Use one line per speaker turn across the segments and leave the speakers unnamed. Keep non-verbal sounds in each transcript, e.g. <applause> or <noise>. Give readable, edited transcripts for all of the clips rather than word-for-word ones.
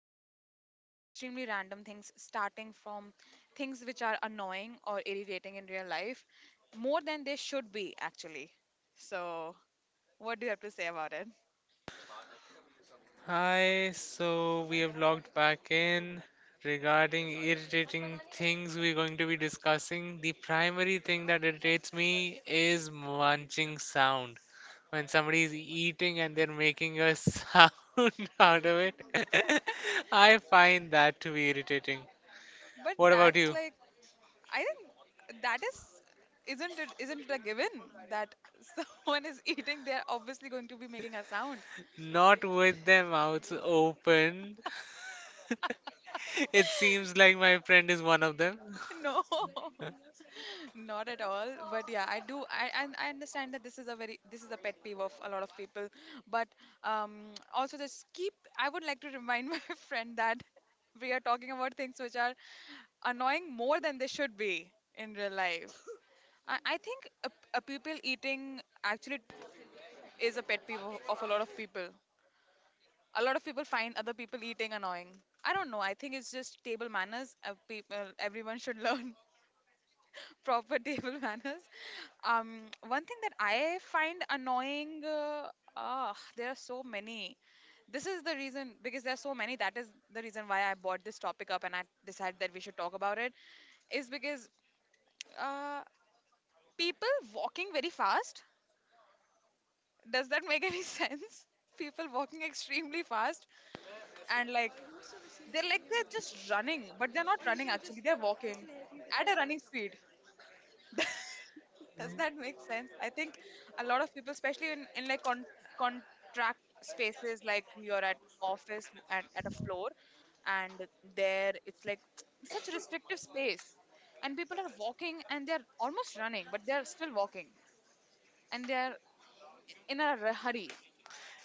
discuss about extremely random things, starting from things which are annoying or irritating in real life, more than they should be, actually. So, what do you have to say about it?
Hi, so we have logged back in regarding irritating things we're going to be discussing. The primary thing that irritates me is munching sound. When somebody is eating and they're making a <laughs> sound out of it,
<laughs>
<laughs> I find that to be irritating.
But
What about
that's
you?
like I think that is isn't it a given that <laughs> someone is eating, they're obviously going to be making a sound.
Not with their mouths open. <laughs> It seems like my friend is one of them.
No, <laughs>
<laughs>
not at all. But yeah, I do. I understand that this is a pet peeve of a lot of people. But also just keep. I would like to remind <laughs> my friend that we are talking about things which are annoying more than they should be in real life. <laughs> I think a people eating actually is a pet peeve of a lot of people. A lot of people find other people eating annoying. I don't know. I think it's just table manners. People, everyone should learn <laughs> proper table manners. One thing that I find annoying, there are so many. This is the reason because there are so many. That is the reason why I brought this topic up and I decided that we should talk about it. Is because uh, people walking very fast. Does that make any <laughs> sense? People walking extremely fast, and like they're like they're just running, but they're not running actually. They're walking at a running speed. <laughs> Does that make sense? I think a lot of people, especially in like contract spaces, like you're at office at a floor, and there it's like such a restrictive space, and people are walking and they're almost running, but they're still walking, and they're in a hurry.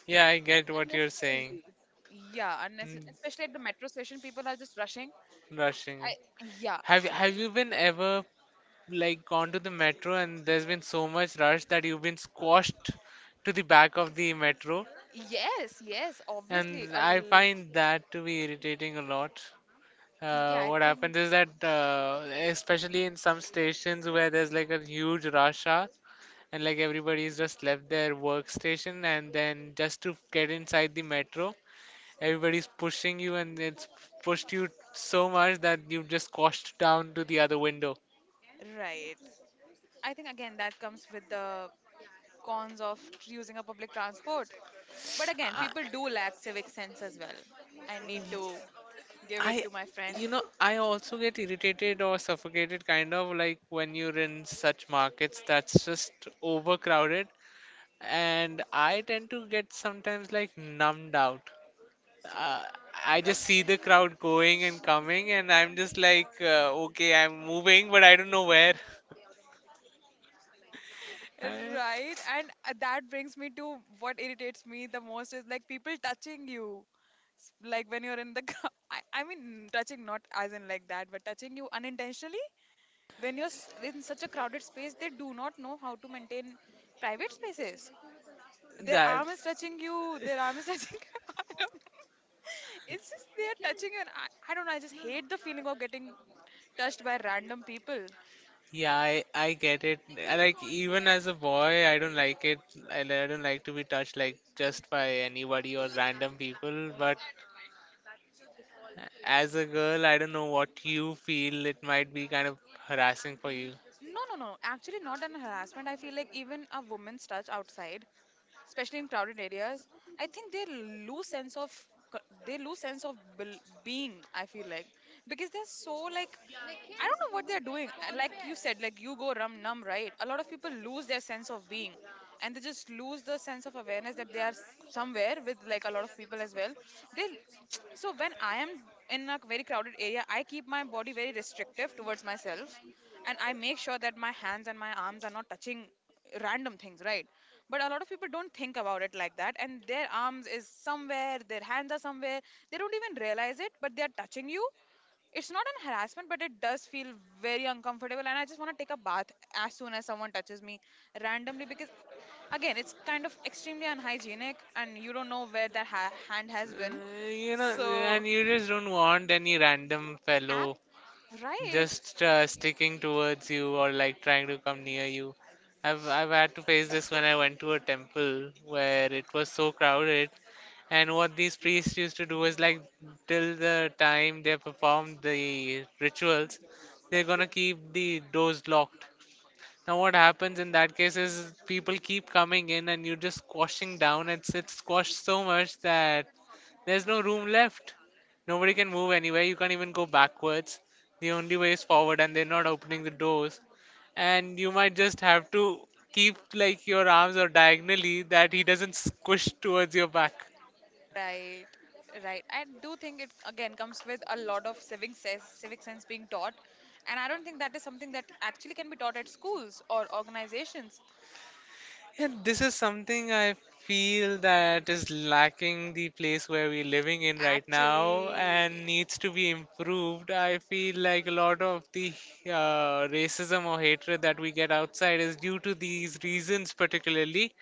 Yeah, I get what you're saying.
Unnecessarily. Yeah,
Mm,
especially at the metro station, people are just rushing.
rushing.
I yeah,
Have you been ever like gone to the metro and there's been so much rush that you've been squashed to the back of the metro?
yes, yes, obviously.
And I find that to be irritating a lot.
Yeah, I
What
think,
happens is that, especially in some stations where there's like a huge rush hour, and like everybody's just left their workstation, and then just to get inside the metro, everybody's pushing you, and it's pushed you so much that you've just squashed down to the other window.
right. I think again that comes with the cons of using a public transport. But again, people do lack civic sense as well. I need to give it
I,
to my friend.
you know, I also get irritated or suffocated kind of like when you're in such markets that's just overcrowded, and I tend to get sometimes like numbed out. Uh, I just see the crowd going and coming, and I'm just like, okay, I'm moving, but I don't know where. <laughs> I,
Right, and that brings me to what irritates me the most is like people touching you. Like when you're in the <laughs> car. I mean, touching not as in like that, but touching you unintentionally. When you're in such a crowded space, they do not know how to maintain private spaces. Their
that,
arm is touching you, their arm is <laughs> touching you. I don't know. It's just they are touching you, and I don't know, I just hate the feeling of getting touched by random people.
I get it. I like, even as a boy, I don't like it. I don't like to be touched like just by anybody or random people, but as a girl, I don't know what you feel. It might be kind of harassing for you.
No, no, no, actually not an harassment. I feel like even a woman's touch outside, especially in crowded areas, I think they lose sense of they lose sense of being, I feel like, because they're so like, I don't know what they're doing. Like you said, like you go rum numb, right? A lot of people lose their sense of being, and they just lose the sense of awareness that they are somewhere with like a lot of people as well. They <tsk> so when I am in a very crowded area, I keep my body very restrictive towards myself, and I make sure that my hands and my arms are not touching random things, right? But a lot of people don't think about it like that, and their arms is somewhere, their hands are somewhere. They don't even realize it, but they are touching you. It's not an harassment, but it does feel very uncomfortable, and I just want to take a bath as soon as someone touches me randomly, because again it's kind of extremely unhygienic, and you don't know where that hand has been.
You know,
So
and you just don't want any random
app
fellow
right.
just sticking towards you or like trying to come near you. I've had to face this when I went to a temple where it was so crowded, and what these priests used to do is like till the time they perform the rituals, they're gonna keep the doors locked. Now what happens in that case is people keep coming in and you're just squashing down. It's squashed so much that there's no room left. Nobody can move anywhere. You can't even go backwards. The only way is forward, and they're not opening the doors. And you might just have to keep like your arms or diagonally that he doesn't squish towards your back.
Right, right. I do think it again comes with a lot of civic sense being taught, and I don't think that is something that actually can be taught at schools or organizations.
And this is something I feel that is lacking the place where we're living in right now
Actually,
and needs to be improved. I feel like a lot of the racism or hatred that we get outside is due to these reasons, particularly.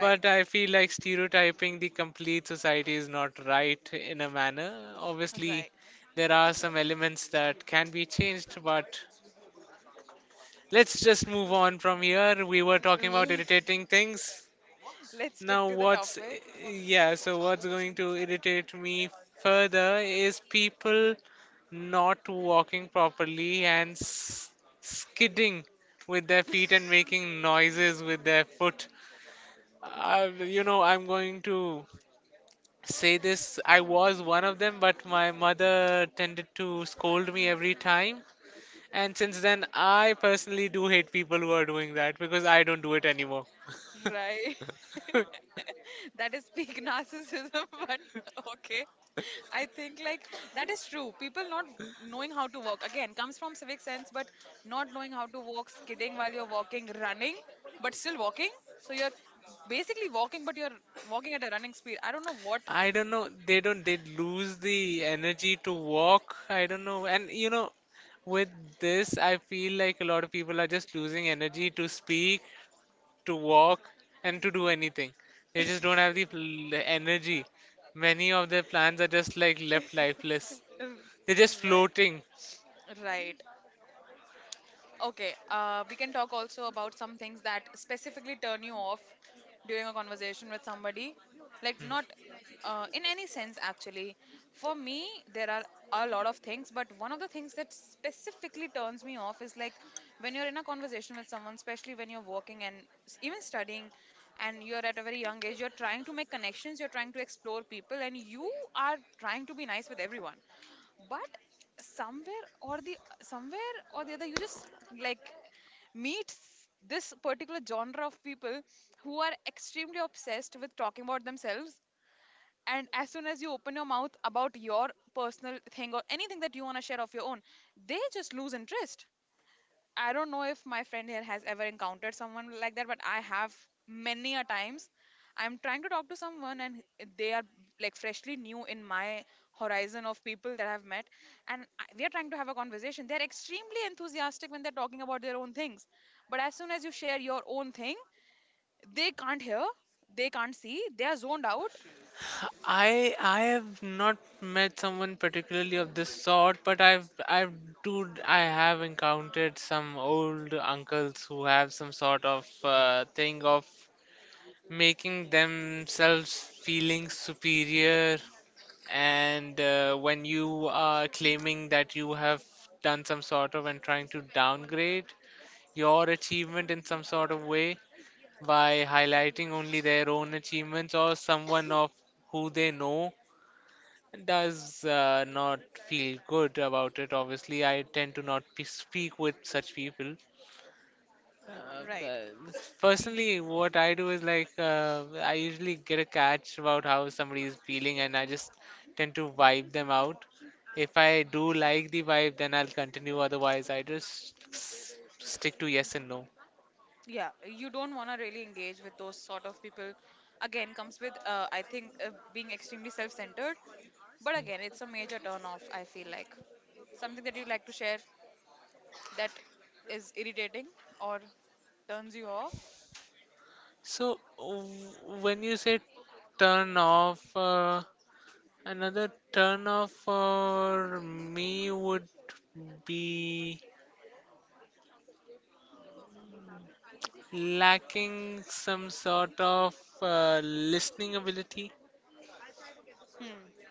But I feel like stereotyping the complete society is not right in a manner. Obviously,
right.
there are some elements that can be changed, but let's just move on from here. We were talking about
<laughs>
irritating things.
Let's stick
Now,
to the
what's
topic.
yeah, so what's going to irritate me further is people not walking properly and skidding with their feet and making noises with their foot. You know, I'm going to say this. I was one of them, but my mother tended to scold me every time. And since then, I personally do hate people who are doing that because I don't do it anymore.
Right.
<laughs>
<laughs> That is peak narcissism, <laughs> but okay. I think like that is true. People not knowing how to walk again comes from civic sense, but not knowing how to walk, skidding while you're walking, running, but still walking. So you're basically walking, but you're walking at a running speed. I don't know what.
I don't know. They don't. They lose the energy to walk. I don't know. And you know, with this, I feel like a lot of people are just losing energy to speak, to walk, and to do anything. They just don't have
<laughs>
the energy. Many of their plans are just like left lifeless. They're just
Right,
floating.
right. Okay, we can talk also about some things that specifically turn you off during a conversation with somebody. Like, not
Hmm.
in any sense, actually. For me, there are a lot of things, but one of the things that specifically turns me off is like when you're in a conversation with someone, especially when you're working and even studying, and you're at a very young age, you're trying to make connections, you're trying to explore people, and you are trying to be nice with everyone. But somewhere or the somewhere or the other, you just like meets this particular genre of people who are extremely obsessed with talking about themselves, and as soon as you open your mouth about your personal thing or anything that you want to share of your own, they just lose interest. I don't know if my friend here has ever encountered someone like that, but I have many a times. I'm trying to talk to someone, and they are like freshly new in my horizon of people that I've met, and we are trying to have a conversation. They're extremely enthusiastic when they're talking about their own things, but as soon as you share your own thing, they can't hear, they can't see, they are zoned out.
I have not met someone particularly of this sort, but I have encountered some old uncles who have some sort of thing of making themselves feeling superior, and when you are claiming that you have done some sort of and trying to downgrade your achievement in some sort of way by highlighting only their own achievements or someone of who they know does not feel good about it. Obviously, I tend to not speak with such people. Uh,
Right.
but
You,
personally, what I do is like I usually get a catch about how somebody is feeling, and I just tend to vibe them out. If I do like the vibe, then I'll continue. Otherwise, I just stick to yes and no.
yeah, you don't want to really engage with those sort of people. Again, comes with, I think, being extremely self centered. But again, it's a major turn off, I feel like. Something that you'd like to share that is irritating or turns you off?
So, when you say turn off. Another turn off for me would be lacking some sort of listening ability.
Hmm.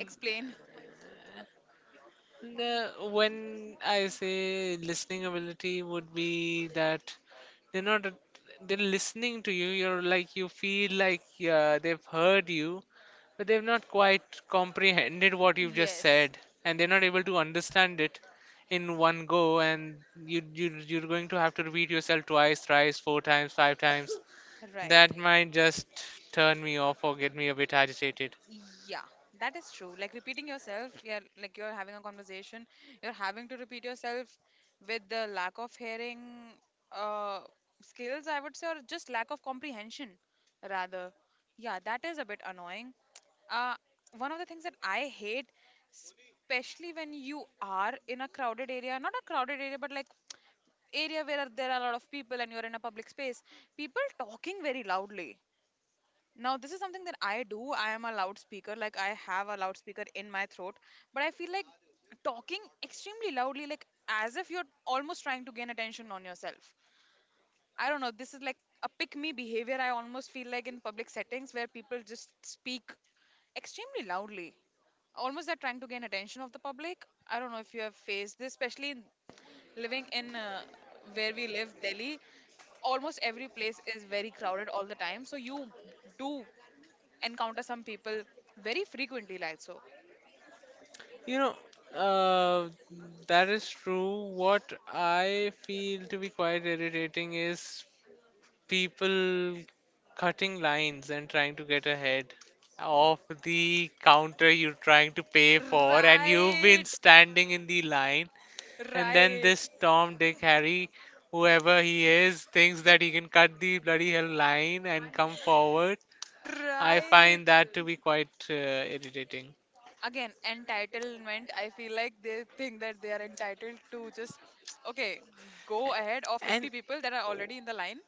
Explain.
No, when I say listening ability would be that they're not, they're listening to you. You're like you feel like they've heard you, but they've not quite comprehended what you've just
Yes.
said, and they're not able to understand it in one go. And you're going to have to repeat yourself twice, thrice, four times, five times.
Right.
That might just turn me off or get me a bit agitated.
Yeah, that is true. Like repeating yourself, yeah, like you're having a conversation, you're having to repeat yourself with the lack of hearing uh skills, I would say, or just lack of comprehension rather. Yeah, that is a bit annoying. Uh, One of the things that I hate, especially when you are in a crowded area, not a crowded area, but like area where there are a lot of people and you're in a public space, people talking very loudly. Now, this is something that I do. I am a loudspeaker, like I have a loudspeaker in my throat, but I feel like talking extremely loudly, like as if you're almost trying to gain attention on yourself. I don't know, this is like a pick me behavior I almost feel like in public settings where people just speak extremely loudly. Almost they're trying to gain attention of the public. I don't know if you have faced this, especially in- living in where we live, Delhi. Almost every place is very crowded all the time, so you do encounter some people very frequently, like so.
You know, uh, that is true. What I feel to be quite irritating is people cutting lines and trying to get ahead of the counter you're trying to pay for, and you've been
Right,
standing in the line, and then
right,
this Tom, Dick, Harry, whoever he is, thinks that he can cut the bloody hell line and come forward. I
right.
find that to be quite irritating.
Again, entitlement, I feel like they think that they are entitled to just <tsk> okay, go ahead of
And
50 people that are already in the line.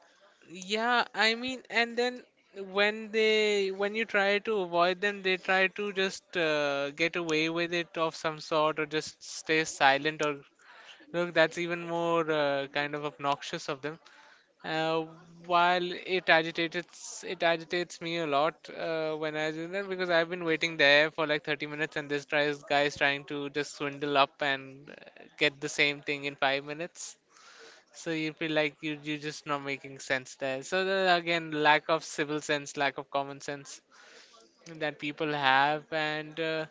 yeah, I mean, and then when they when you try to avoid them, they try to just get away with it of some sort, or just stay silent, or look, that's even more kind of obnoxious of them. Uh, while it agitates me a lot when I do that because I've been waiting there for like 30 minutes, and this tries guy is trying to just swindle up and get the same thing in 5 minutes. So you feel like you're just not making sense there. So the, again, lack of civil sense, lack of common sense that people have, and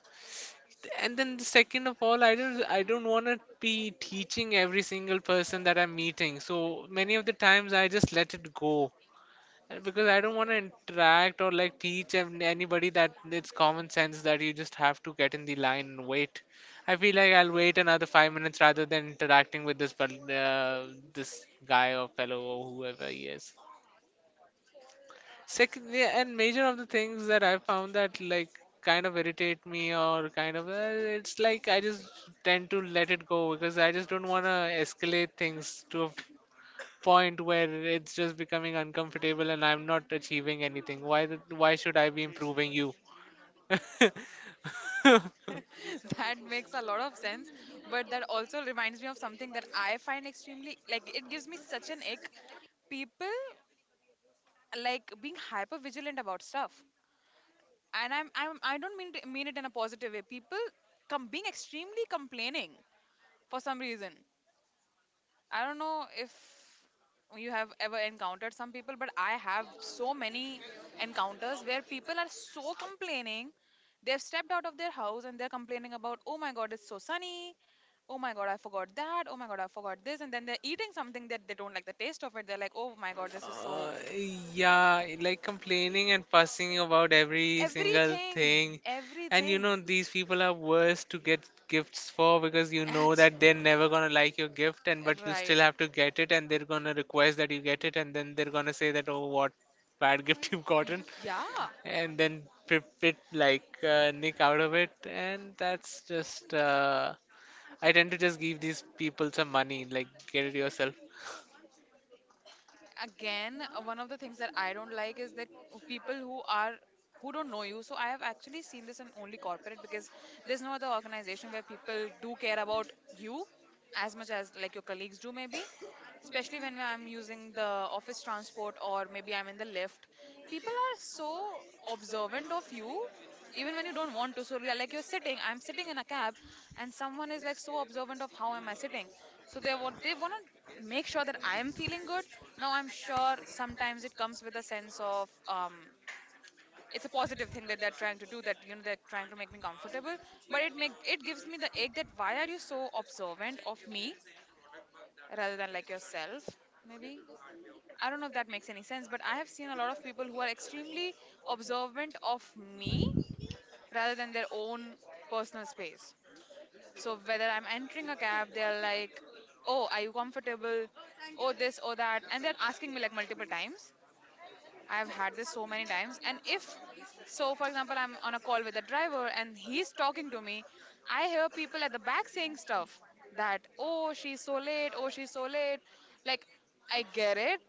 and then the second of all, I don't want to be teaching every single person that I'm meeting. So many of the times I just let it go. Because I don't want to interact or like teach anybody that it's common sense that you just have to get in the line and wait. I feel like I'll wait another 5 minutes rather than interacting with this this guy or fellow or whoever he is. Second, yeah, and major of the things that I found that like kind of irritate me or kind of it's like I just tend to let it go because I just don't want to escalate things to a point where it's just becoming uncomfortable and I'm not achieving anything. Why should I be improving you? <laughs>
<laughs> That makes a lot of sense, but that also reminds me of something that I find extremely, like it gives me such an ick. People like being hyper vigilant about stuff, and I don't mean to mean it in a positive way. People come being extremely complaining for some reason. I don't know if you have ever encountered some people, but I have so many encounters where people are so complaining. They've stepped out of their house and they're complaining about, oh my god, it's so sunny. Oh my god, I forgot that. Oh my god, I forgot this. And then they're eating something that they don't like the taste of it. They're like, oh my god, this is
Uh,
so.
yeah, like complaining and fussing about every single
Everything.
thing. And you
Everything.
know, these people are worse to get gifts for because you
<laughs>
know
Act.
that they're never gonna like your gift, and but you still
Right.
have to get it, and they're gonna request that you get it, and then they're gonna say that, oh, what bad <laughs> gift you've gotten.
Yeah.
And then pip it like nick out of it and that's just I tend to just give these people some money like get it yourself.
Again, one of the things that I don't like is that people who are who don't know you. So I have actually seen this in only corporate, because there's no other organization where people do care about you as much as like your colleagues do, maybe, especially when I'm using the office transport, or maybe I'm in the lift. People are so observant of you, even when you don't want to. So you're like you're sitting I'm sitting in a cab, and someone is like so observant of how am I sitting. So they want to make sure that I am feeling good. Now I'm sure sometimes it comes with a sense of it's a positive thing that they're trying to do, that, they're trying to make me comfortable. But it gives me the ache, that why are you so observant of me rather than like yourself, maybe. I don't know if that makes any sense, but I have seen a lot of people who are extremely observant of me rather than their own personal space. So whether I'm entering a cab, they're like, "Oh, are you comfortable? Oh, this, oh that," and they're asking me like multiple times. I've had this so many times. And if, so for example, I'm on a call with a driver and he's talking to me, I hear people at the back saying stuff that, oh, she's so late, oh, she's so late. Like, I get it.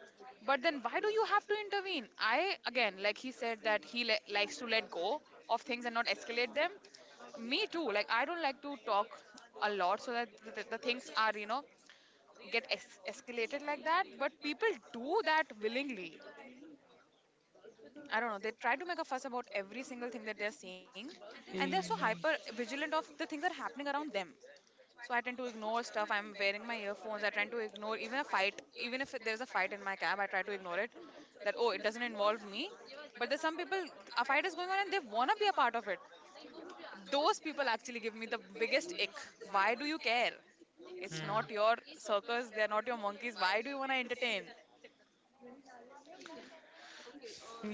But then why do you have to intervene? I, again, like he said, that he likes to let go of things and not escalate them. Me too. Like, I don't like to talk a lot so that the things are, get escalated like that. But people do that willingly. I don't know. They try to make a fuss about every single thing that they're seeing, and they're so
Y-
hyper vigilant of the things that are happening around them. So I tend to ignore stuff. I'm wearing my earphones. I tend to ignore even a fight. Even if there's a fight in my cab, I try to ignore it. That, oh, it doesn't involve me. But there's some people, a fight is going on and they wanna be a part of it. Those people actually give me the biggest ick. Why do you care? It's
hmm.
not your circus. They're not your monkeys. Why do you wanna entertain?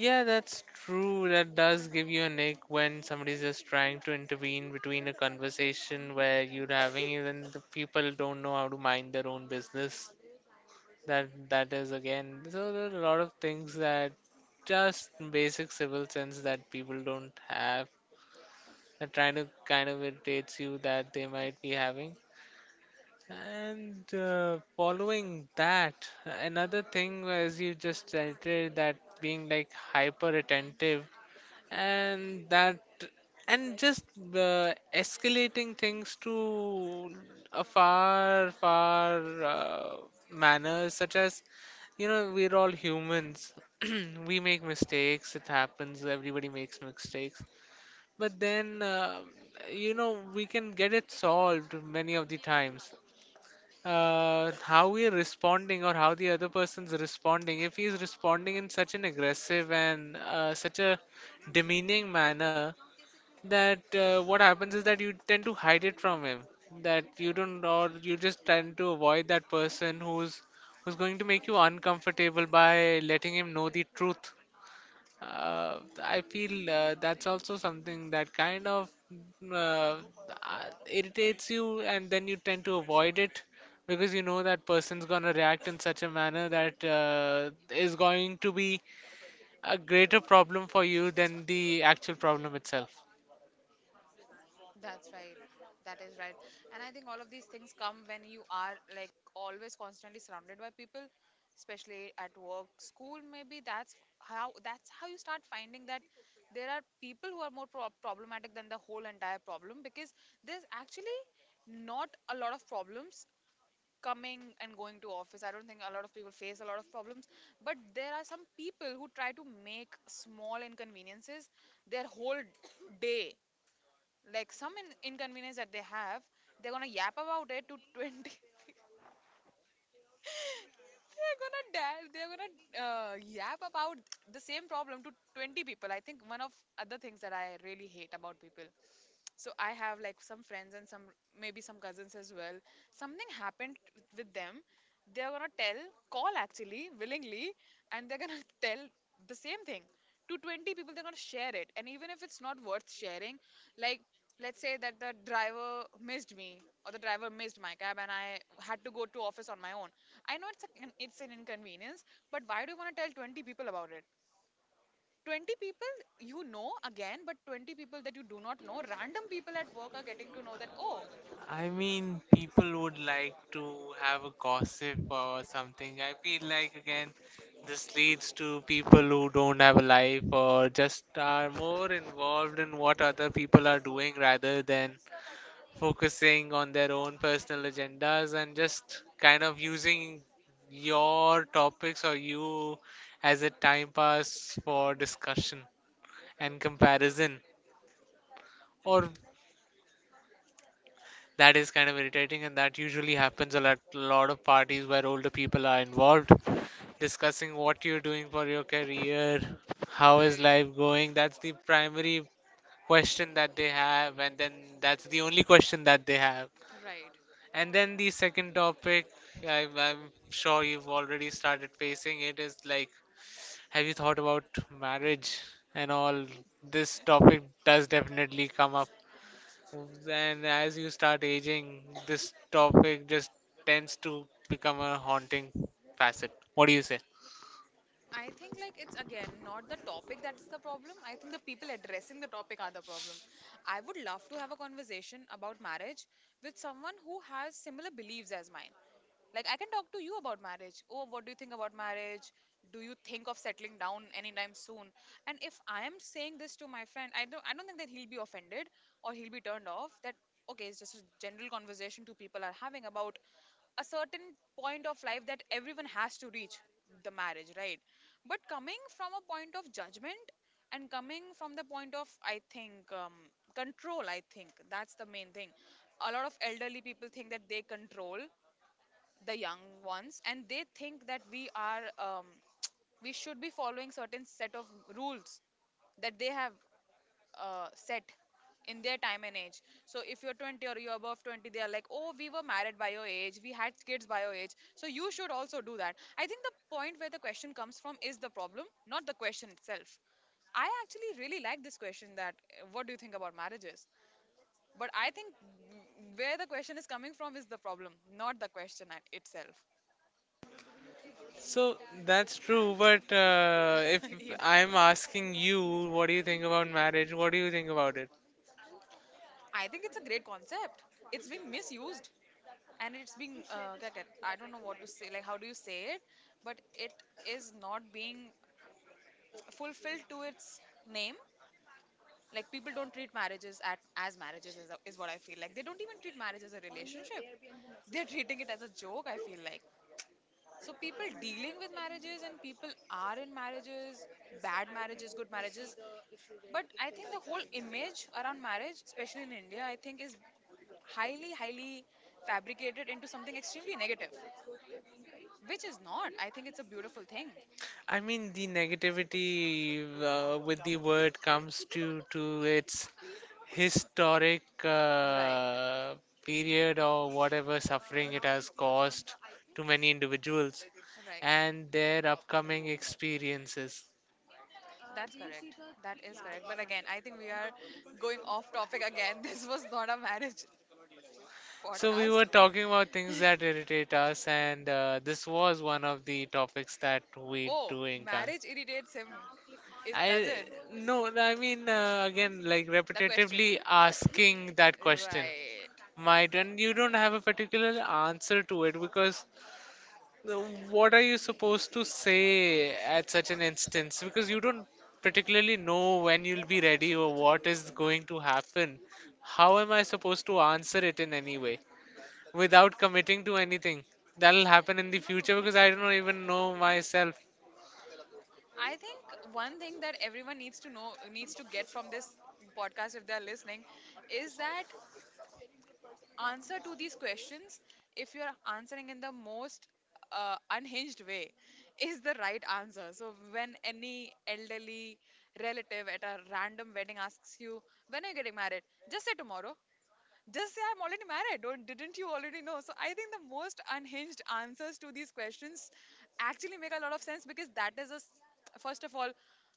Yeah, that's true, that does give you a nick when somebody's just trying to intervene between a conversation where you're having and the people don't know how to mind their own business. That is again, so there are a lot of things that just basic civil sense that people don't have. They're trying to kind of irritates you that they might be having. And following that, another thing was you just stated that being like hyper attentive and that and just escalating things to a far uh, manner such as you know we're all humans <clears throat> we make mistakes it happens everybody makes mistakes but then you know we can get it solved many of the times, how we are responding or how the other person's responding. If he's responding in such an aggressive and such a demeaning manner, that what happens is that you tend to hide it from him. That you don't, or you just tend to avoid that person who's going to make you uncomfortable by letting him know the truth. I feel that's also something that kind of uh, uh, irritates you, and then you tend to avoid it because you know that person's gonna react in such a manner that is going to be a greater problem for you than the actual problem itself.
That's right. That is right. And I think all of these things come when you are like always constantly surrounded by people, especially at work, school, maybe that's how, that's how you start finding that there are people who are more problematic than the whole entire problem, because there's actually not a lot of problems coming and going to office. I don't think a lot of people face a lot of problems, but there are some people who try to make small inconveniences their whole day, like some inconvenience that they have, they're gonna yap about it to 20, <laughs> they're gonna dare, they're gonna yap about the same problem to 20 people. I think one of other things that I really hate about people, so I have like some friends and some, maybe some cousins as well, something happened with them, they're gonna tell call, actually, willingly, and they're gonna <laughs> tell the same thing to 20 people. They're gonna share it, and even if it's not worth sharing, like, let's say that the driver missed me, or the driver missed my cab, and I had to go to office on my own. I know it's a, it's an inconvenience, but why do you want to tell 20 people about it? 20 people, again, but 20 people that you do not know, random people at work are getting to know that, oh—
I mean, people would like to have a gossip or something. I feel like, again, this leads to people who don't have a life or just are more involved in what other people are doing rather than focusing on their own personal agendas and just kind of using your topics or you as a time pass for discussion and comparison or that is kind of irritating, and that usually happens a lot, lot of parties where older people are involved, discussing what you're doing for your career, how is
Right.
life going. That's the primary question that they have, and then that's the only question that they have.
Right.
And then the second topic, I'm sure you've already started facing it, is like, have you thought about marriage and all? This topic does definitely come up, and as you start aging, this topic just tends to become a haunting facet. What do you say?
I think like it's again not the topic that is the problem. I think the people addressing the topic are the problem. I would love to have a conversation about marriage with someone who has similar beliefs as mine. Like, I can talk to you about marriage. Oh, what do you think about marriage? Do you think of settling down anytime soon? And if I am saying this to my friend, I don't think that he'll be offended or he'll be turned off. That okay, it's just a general conversation two people are having about a certain point of life that everyone has to reach, the marriage, right? But coming from a point of judgment, and coming from the point of, I think, control, I think that's the main thing. A lot of elderly people think that they control the young ones, and they think that we are <tsk> we should be following certain set of rules that they have set in their time and age. So if you're 20, or you're above 20, they are like, oh, we were married by your age, we had kids by your age, so you should also do that. I think the point where the question comes from is the problem, not the question itself. I actually really like this question, that what do you think about marriages? But I think where the question is coming from is the problem, not the question at itself.
So that's true, but if
<laughs> it,
I'm asking you, what do you think about marriage? What do you think about it?
I think it's a great concept. It's being misused, and it's being क्या कहते- I don't know what to say, like how do you say it, but it is not being fulfilled to its name. Like, people don't treat marriages as marriages is what I feel, like they don't even treat marriage as a relationship. They're treating it as a joke, I feel like. So people dealing with marriages, and people are in marriages, bad marriages, good marriages. But I think the whole image around marriage, especially in India, I think, is highly, highly fabricated into something extremely negative, which is not. I think it's a beautiful thing.
I mean, the negativity with the word comes to its historic
Right.
period or whatever suffering it has caused to many individuals
Right.
and their upcoming experiences.
That's correct. That is correct. But again, I think we are going off topic again. <laughs> This was not a marriage
So, we
podcast.
were talking about things that irritate us, and this was one of the topics that we
Oh,
do encounter.
marriage irritates him. Is, does
I
it?
no, I mean, again, like
The question.
repetitively asking that question
Right.
might, and you don't have a particular answer to it. Because Uh, what are you supposed to say at such an instance? Because you don't particularly know when you'll be ready or what is going to happen. How am I supposed to answer it in any way without committing to anything that'll happen in the future? Because I don't even know myself.
I think one thing that everyone needs to know, needs to get from this podcast if they're listening, is that answer to these questions, if you're answering in the most unhinged way, is the right answer. So when any elderly relative at a random wedding asks you, when are you getting married? Just say tomorrow, just say I'm already married. Don't Didn't you already know? So I think the most unhinged answers to these questions actually make a lot of sense, because that is a s- first of all,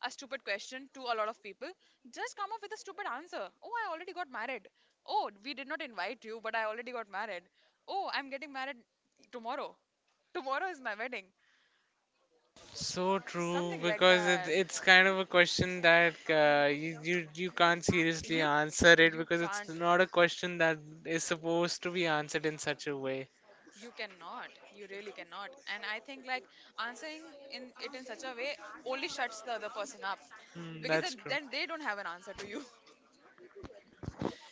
a stupid question to a lot of people. Just come up with a stupid answer. Oh, I already got married. Oh, we did not invite you, but I already got married. Oh, I'm getting married tomorrow. Tomorrow is my wedding.
So true,
Something like
because it,
that.
it's kind of a question that you, you can't seriously
You
answer it,
you
because it's
can't.
not a question that is supposed to be answered in such a way.
You cannot. You really cannot. And I think like answering in it in such a way only shuts the other person up,
Hmm,
because
that's
then,
true.
then they don't have an answer to you. <laughs>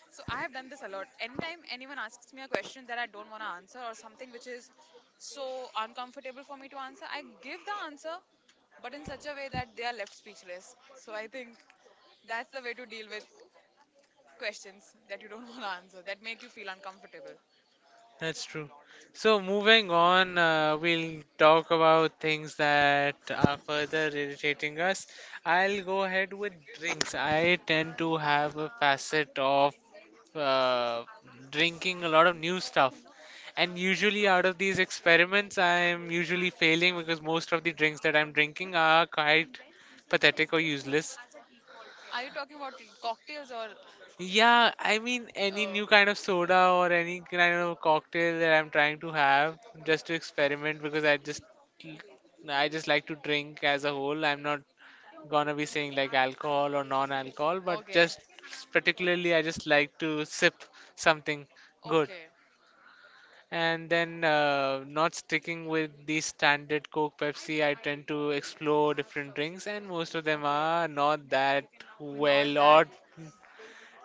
So I have done this a lot. Anytime anyone asks me a question that I don't want to answer, or something which is so uncomfortable for me to answer, I give the answer, but in such a way that they are left speechless. So I think that's the way to deal with questions that you don't <laughs> want to answer, that make you feel uncomfortable.
That's true. So moving on, we'll talk about things that are further irritating us. I'll go ahead with drinks. I tend to have a facet of uh, drinking a lot of new stuff. And usually, out of these experiments, I'm usually failing because most of the drinks that I'm drinking are quite pathetic or useless.
Are you talking about cocktails or
Yeah, I mean any
uh,
new kind of soda or any kind of cocktail that I'm trying to have just to experiment, because I just like to drink as a whole. I'm not gonna be saying like alcohol or non-alcohol, but
okay,
just particularly I just like to sip something good.
okay,
And then not sticking with the standard Coke, Pepsi, I tend to explore different drinks, and most of them
okay?
are not that
Not
well
that.
or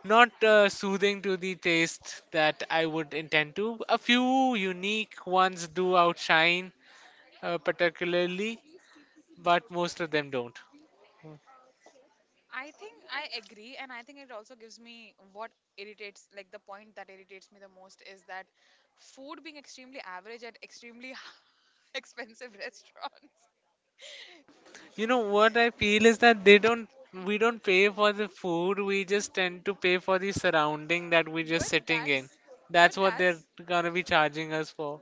not soothing to the taste that I would intend to. A few unique ones do outshine, particularly, but most of them don't.
I think I agree, and I think it also gives me what irritates, like the point that irritates me the most is that food being extremely average at extremely <laughs> expensive restaurants.
You
<laughs>
know what I feel is that they don't. We don't pay for the food. We just tend to pay for the surrounding that we're just
But
sitting in.
that's, but
That's what they're
that's,
gonna be charging us for.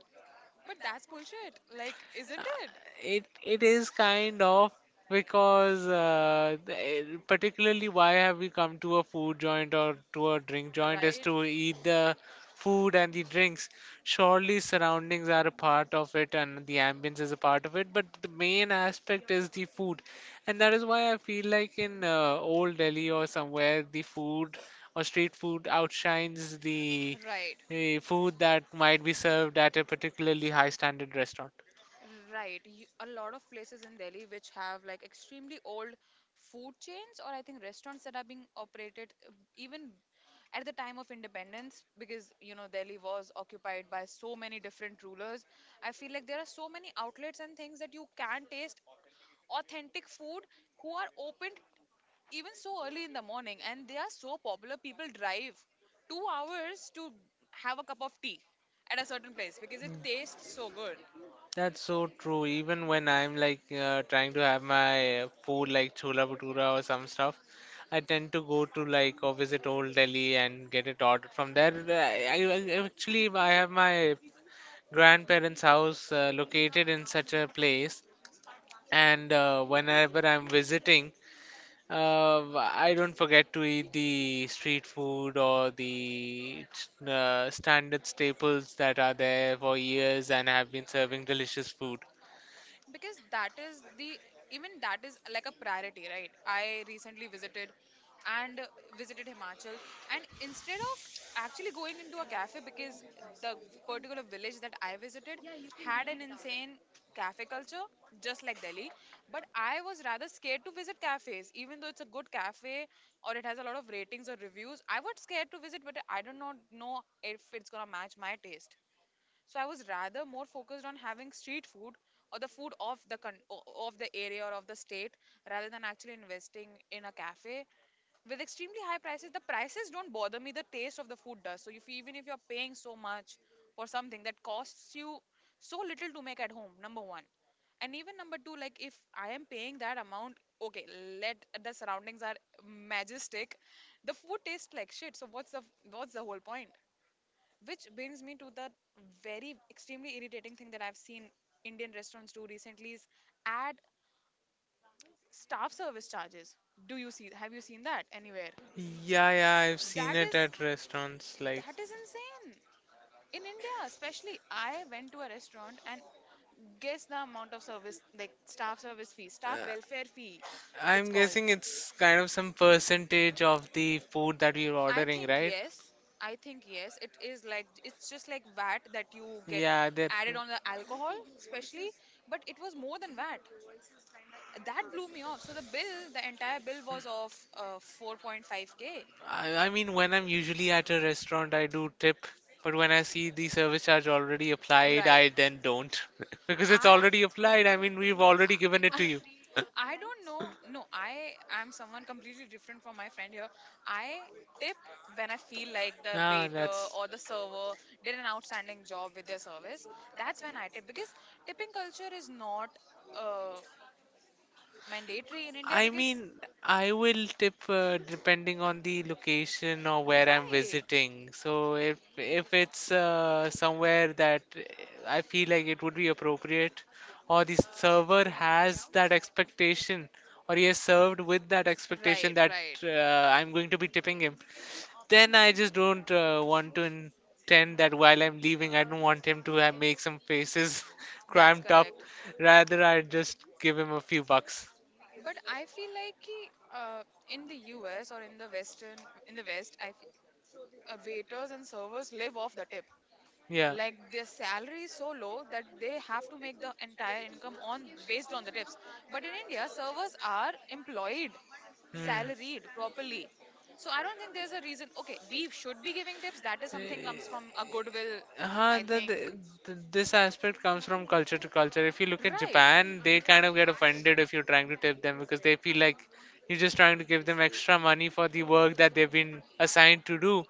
but that's bullshit. Like, isn't it?
It is kind of, because particularly why have we come to a food joint or to a drink joint is
Right?
to eat the food and the drinks. Surely surroundings are a part of it and the ambience is a part of it, but the main aspect is the food, and that is why I feel like in old Delhi or somewhere the food or street food outshines the
Right.
food that might be served at a particularly high standard restaurant.
Right. You, a lot of places in Delhi which have like extremely old food chains, or I think restaurants that are being operated even at the time of independence, because Delhi was occupied by so many different rulers. I feel like there are so many outlets and things that you can taste authentic food, who are opened even so early in the morning, and they are so popular people drive 2 hours to have a cup of tea at a certain place because it tastes so good.
That's so true. Even when I'm like trying to have my food like chola bhatura or some stuff, I tend to go to like or visit old Delhi and get it ordered from there. Actually I have my grandparents' house located in such a place, and whenever I'm visiting, I don't forget to eat the street food or the standard staples that are there for years and have been serving delicious food.
Because that is the even that is like a priority, right? I recently visited, and visited Himachal, and instead of actually going into a cafe, because the particular village that I visited had an insane cafe culture, just like Delhi. But I was rather scared to visit cafes, even though it's a good cafe or it has a lot of ratings or reviews. I was scared to visit, but I do not know if it's gonna match my taste, so I was rather more focused on having street food, or the food of the of the area, or of the state, rather than actually investing in a cafe. With extremely high prices, the prices don't bother me. The taste of the food does. So if, even if you're paying so much for something that costs you so little to make at home, number one, and even number two, like if I am paying that amount, okay, let, the surroundings are majestic, the food tastes like shit. So what's the, whole point? Which brings me to the very extremely irritating thing that I've seen Indian restaurants do recently is add staff service charges. Do you see Have you seen that anywhere?
Yeah, yeah, I've seen
That
it
is
at restaurants. Like,
that is insane. In India, especially, I went to a restaurant and guess the amount of service, like staff service fee, staff
uh,
welfare fee, it's
I'm
called.
guessing it's kind of some percentage of the food that we're
I
ordering,
think
right?
yes. I think yes. It is like it's just like VAT that you get
Yeah, there.
added on the alcohol, especially. But it was more than VAT. That blew me off. So the bill, the entire bill was of 4.5k.
I mean, when I'm usually at a restaurant, I do tip, but when I see the service charge already applied,
Right.
I then don't. <laughs> Because it's
i
already applied. I mean, we've already given it
i
to
<laughs>
you. <laughs>
I don't know. No I am someone completely different from my friend here. I tip when I feel like the
Ah,
waiter
that's.
or the server did an outstanding job with their service. That's when I tip, because tipping culture is not uh, mandatory in India,
I
because
mean, I will tip depending on the location or where I'm
right,
visiting. So if it's somewhere that I feel like it would be appropriate, or the server has that expectation, or he has served with that expectation
right,
that
right,
I'm going to be tipping him, then I just don't want to intend that while I'm leaving, I don't want him to make some faces <laughs>
that's
cramped up.
correct.
Rather, I just give him a few bucks.
But I feel like कि, uh, in the US, or in the Western, in the West, I feel waiters and servers live off the tip.
Yeah.
Like their salary is so low that they have to make the entire income on, based on the tips. But in India, servers are employed,
Hmm.
salaried properly, so I don't think there's a reason. Okay, we should be giving tips. That is something comes from a goodwill,
Uh,
I
the, the,
think.
this aspect comes from culture to culture. If you look at
Right,
Japan, they kind of get offended if you're trying to tip them, because they feel like you're just trying to give them extra money for the work that they've been assigned to do.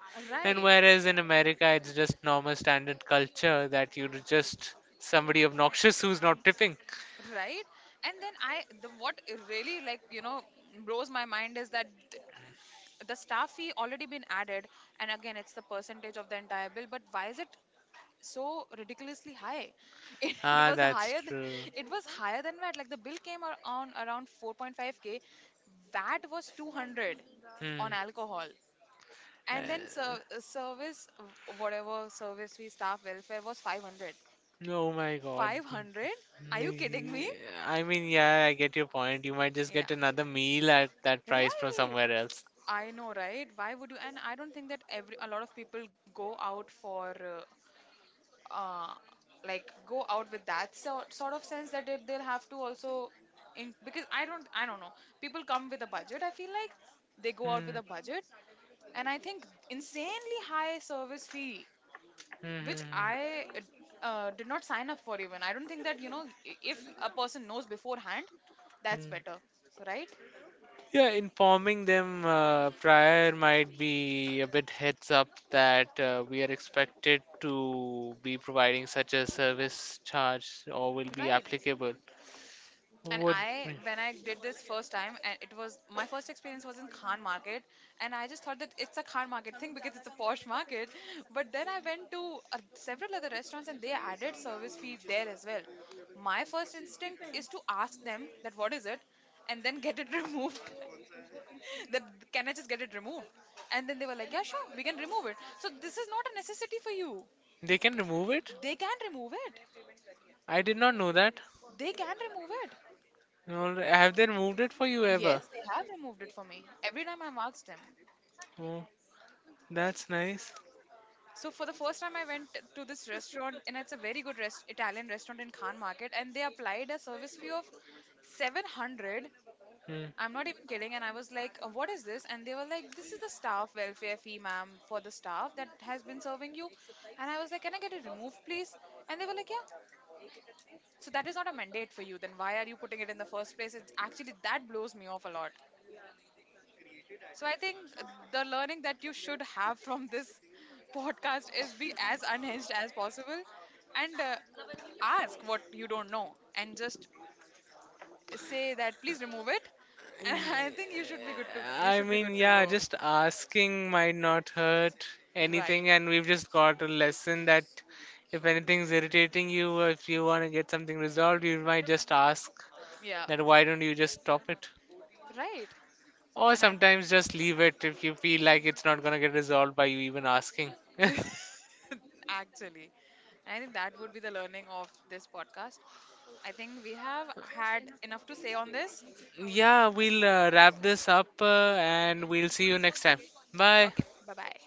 And
right,
whereas in America, it's just normal standard culture that you're just somebody obnoxious <laughs> who's not tipping.
right. And then I the what really, blows my mind is that the staff fee already been added, and again it's the percentage of the entire bill, but why is it so ridiculously high? <laughs> It
Ah,
was
that's
higher
true.
it was higher than VAT. Like the bill came on around 4.5k, VAT was 200
Hmm.
on alcohol, and then
Uh,
service whatever, service fee staff welfare was 500.
oh my god.
500, are you kidding me?
Ye- I mean, yeah, I get your point. You might just get
Yeah,
another meal at that price from
right.
somewhere else.
I know, right? Why would you? And I don't think that every a lot of people go out for uh, uh like go out with that sort of sense that they'll have to also in, because I don't know. People come with a budget. I feel like they go out with
Hmm.
a budget, and I think insanely high service fee,
Mhm.
which I did not sign up for even. I don't think that if a person knows beforehand, that's
Mhm.
better, right?
Yeah, informing them prior might be a bit heads up that we are expected to be providing such a service charge or will be
Right.
applicable.
And
Would
I, when I did this first time, and it was my first experience was in Khan Market, and I just thought that it's a Khan Market thing because it's a posh market. But then I went to several other restaurants, and they added service fee there as well. My first instinct is to ask them that what is it and then get it <laughs> removed. That, can I just get it removed? And then they were like, "Yeah, sure, we can remove it." So this is not a necessity for you.
they can remove it?
They can remove it.
I did not know that.
They can remove it.
All right. Have they moved it for you
Yes,
ever?
they have removed it for me every time I've asked them.
Oh, that's nice.
So for the first time, I went to this restaurant, and it's a very good Italian restaurant in Khan Market, and they applied a service fee of 700.
Hmm.
I'm not even kidding. And I was like, what is this?" And they were like, "This is the staff welfare fee, ma'am, for the staff that has been serving you." And I was like, "Can I get it removed, please?" And they were like, "Yeah." So that is not a mandate for you. Then why are you putting it in the first place? It's actually, that blows me off a lot. So I think the learning that you should have from this <laughs> podcast is be as unhinged as possible, and ask what you don't know, and just say that please remove it, <laughs> and I
Yeah,
think you should be good to you
I
should be
mean,
good to
yeah,
go.
just asking might not hurt
Right.
anything, and we've just got a lesson that if anything's irritating you, or if you want to get something resolved, you might just ask
Yeah.
that why don't you just stop it?
Right.
Or
And I
sometimes just leave it if you feel like it's not gonna get resolved by you even asking. <laughs>
<laughs> actually, I think that would be the learning of this podcast. I think we have had enough to say on this.
Yeah, we'll wrap this up and we'll see you next time. Bye.
Okay. Bye-bye.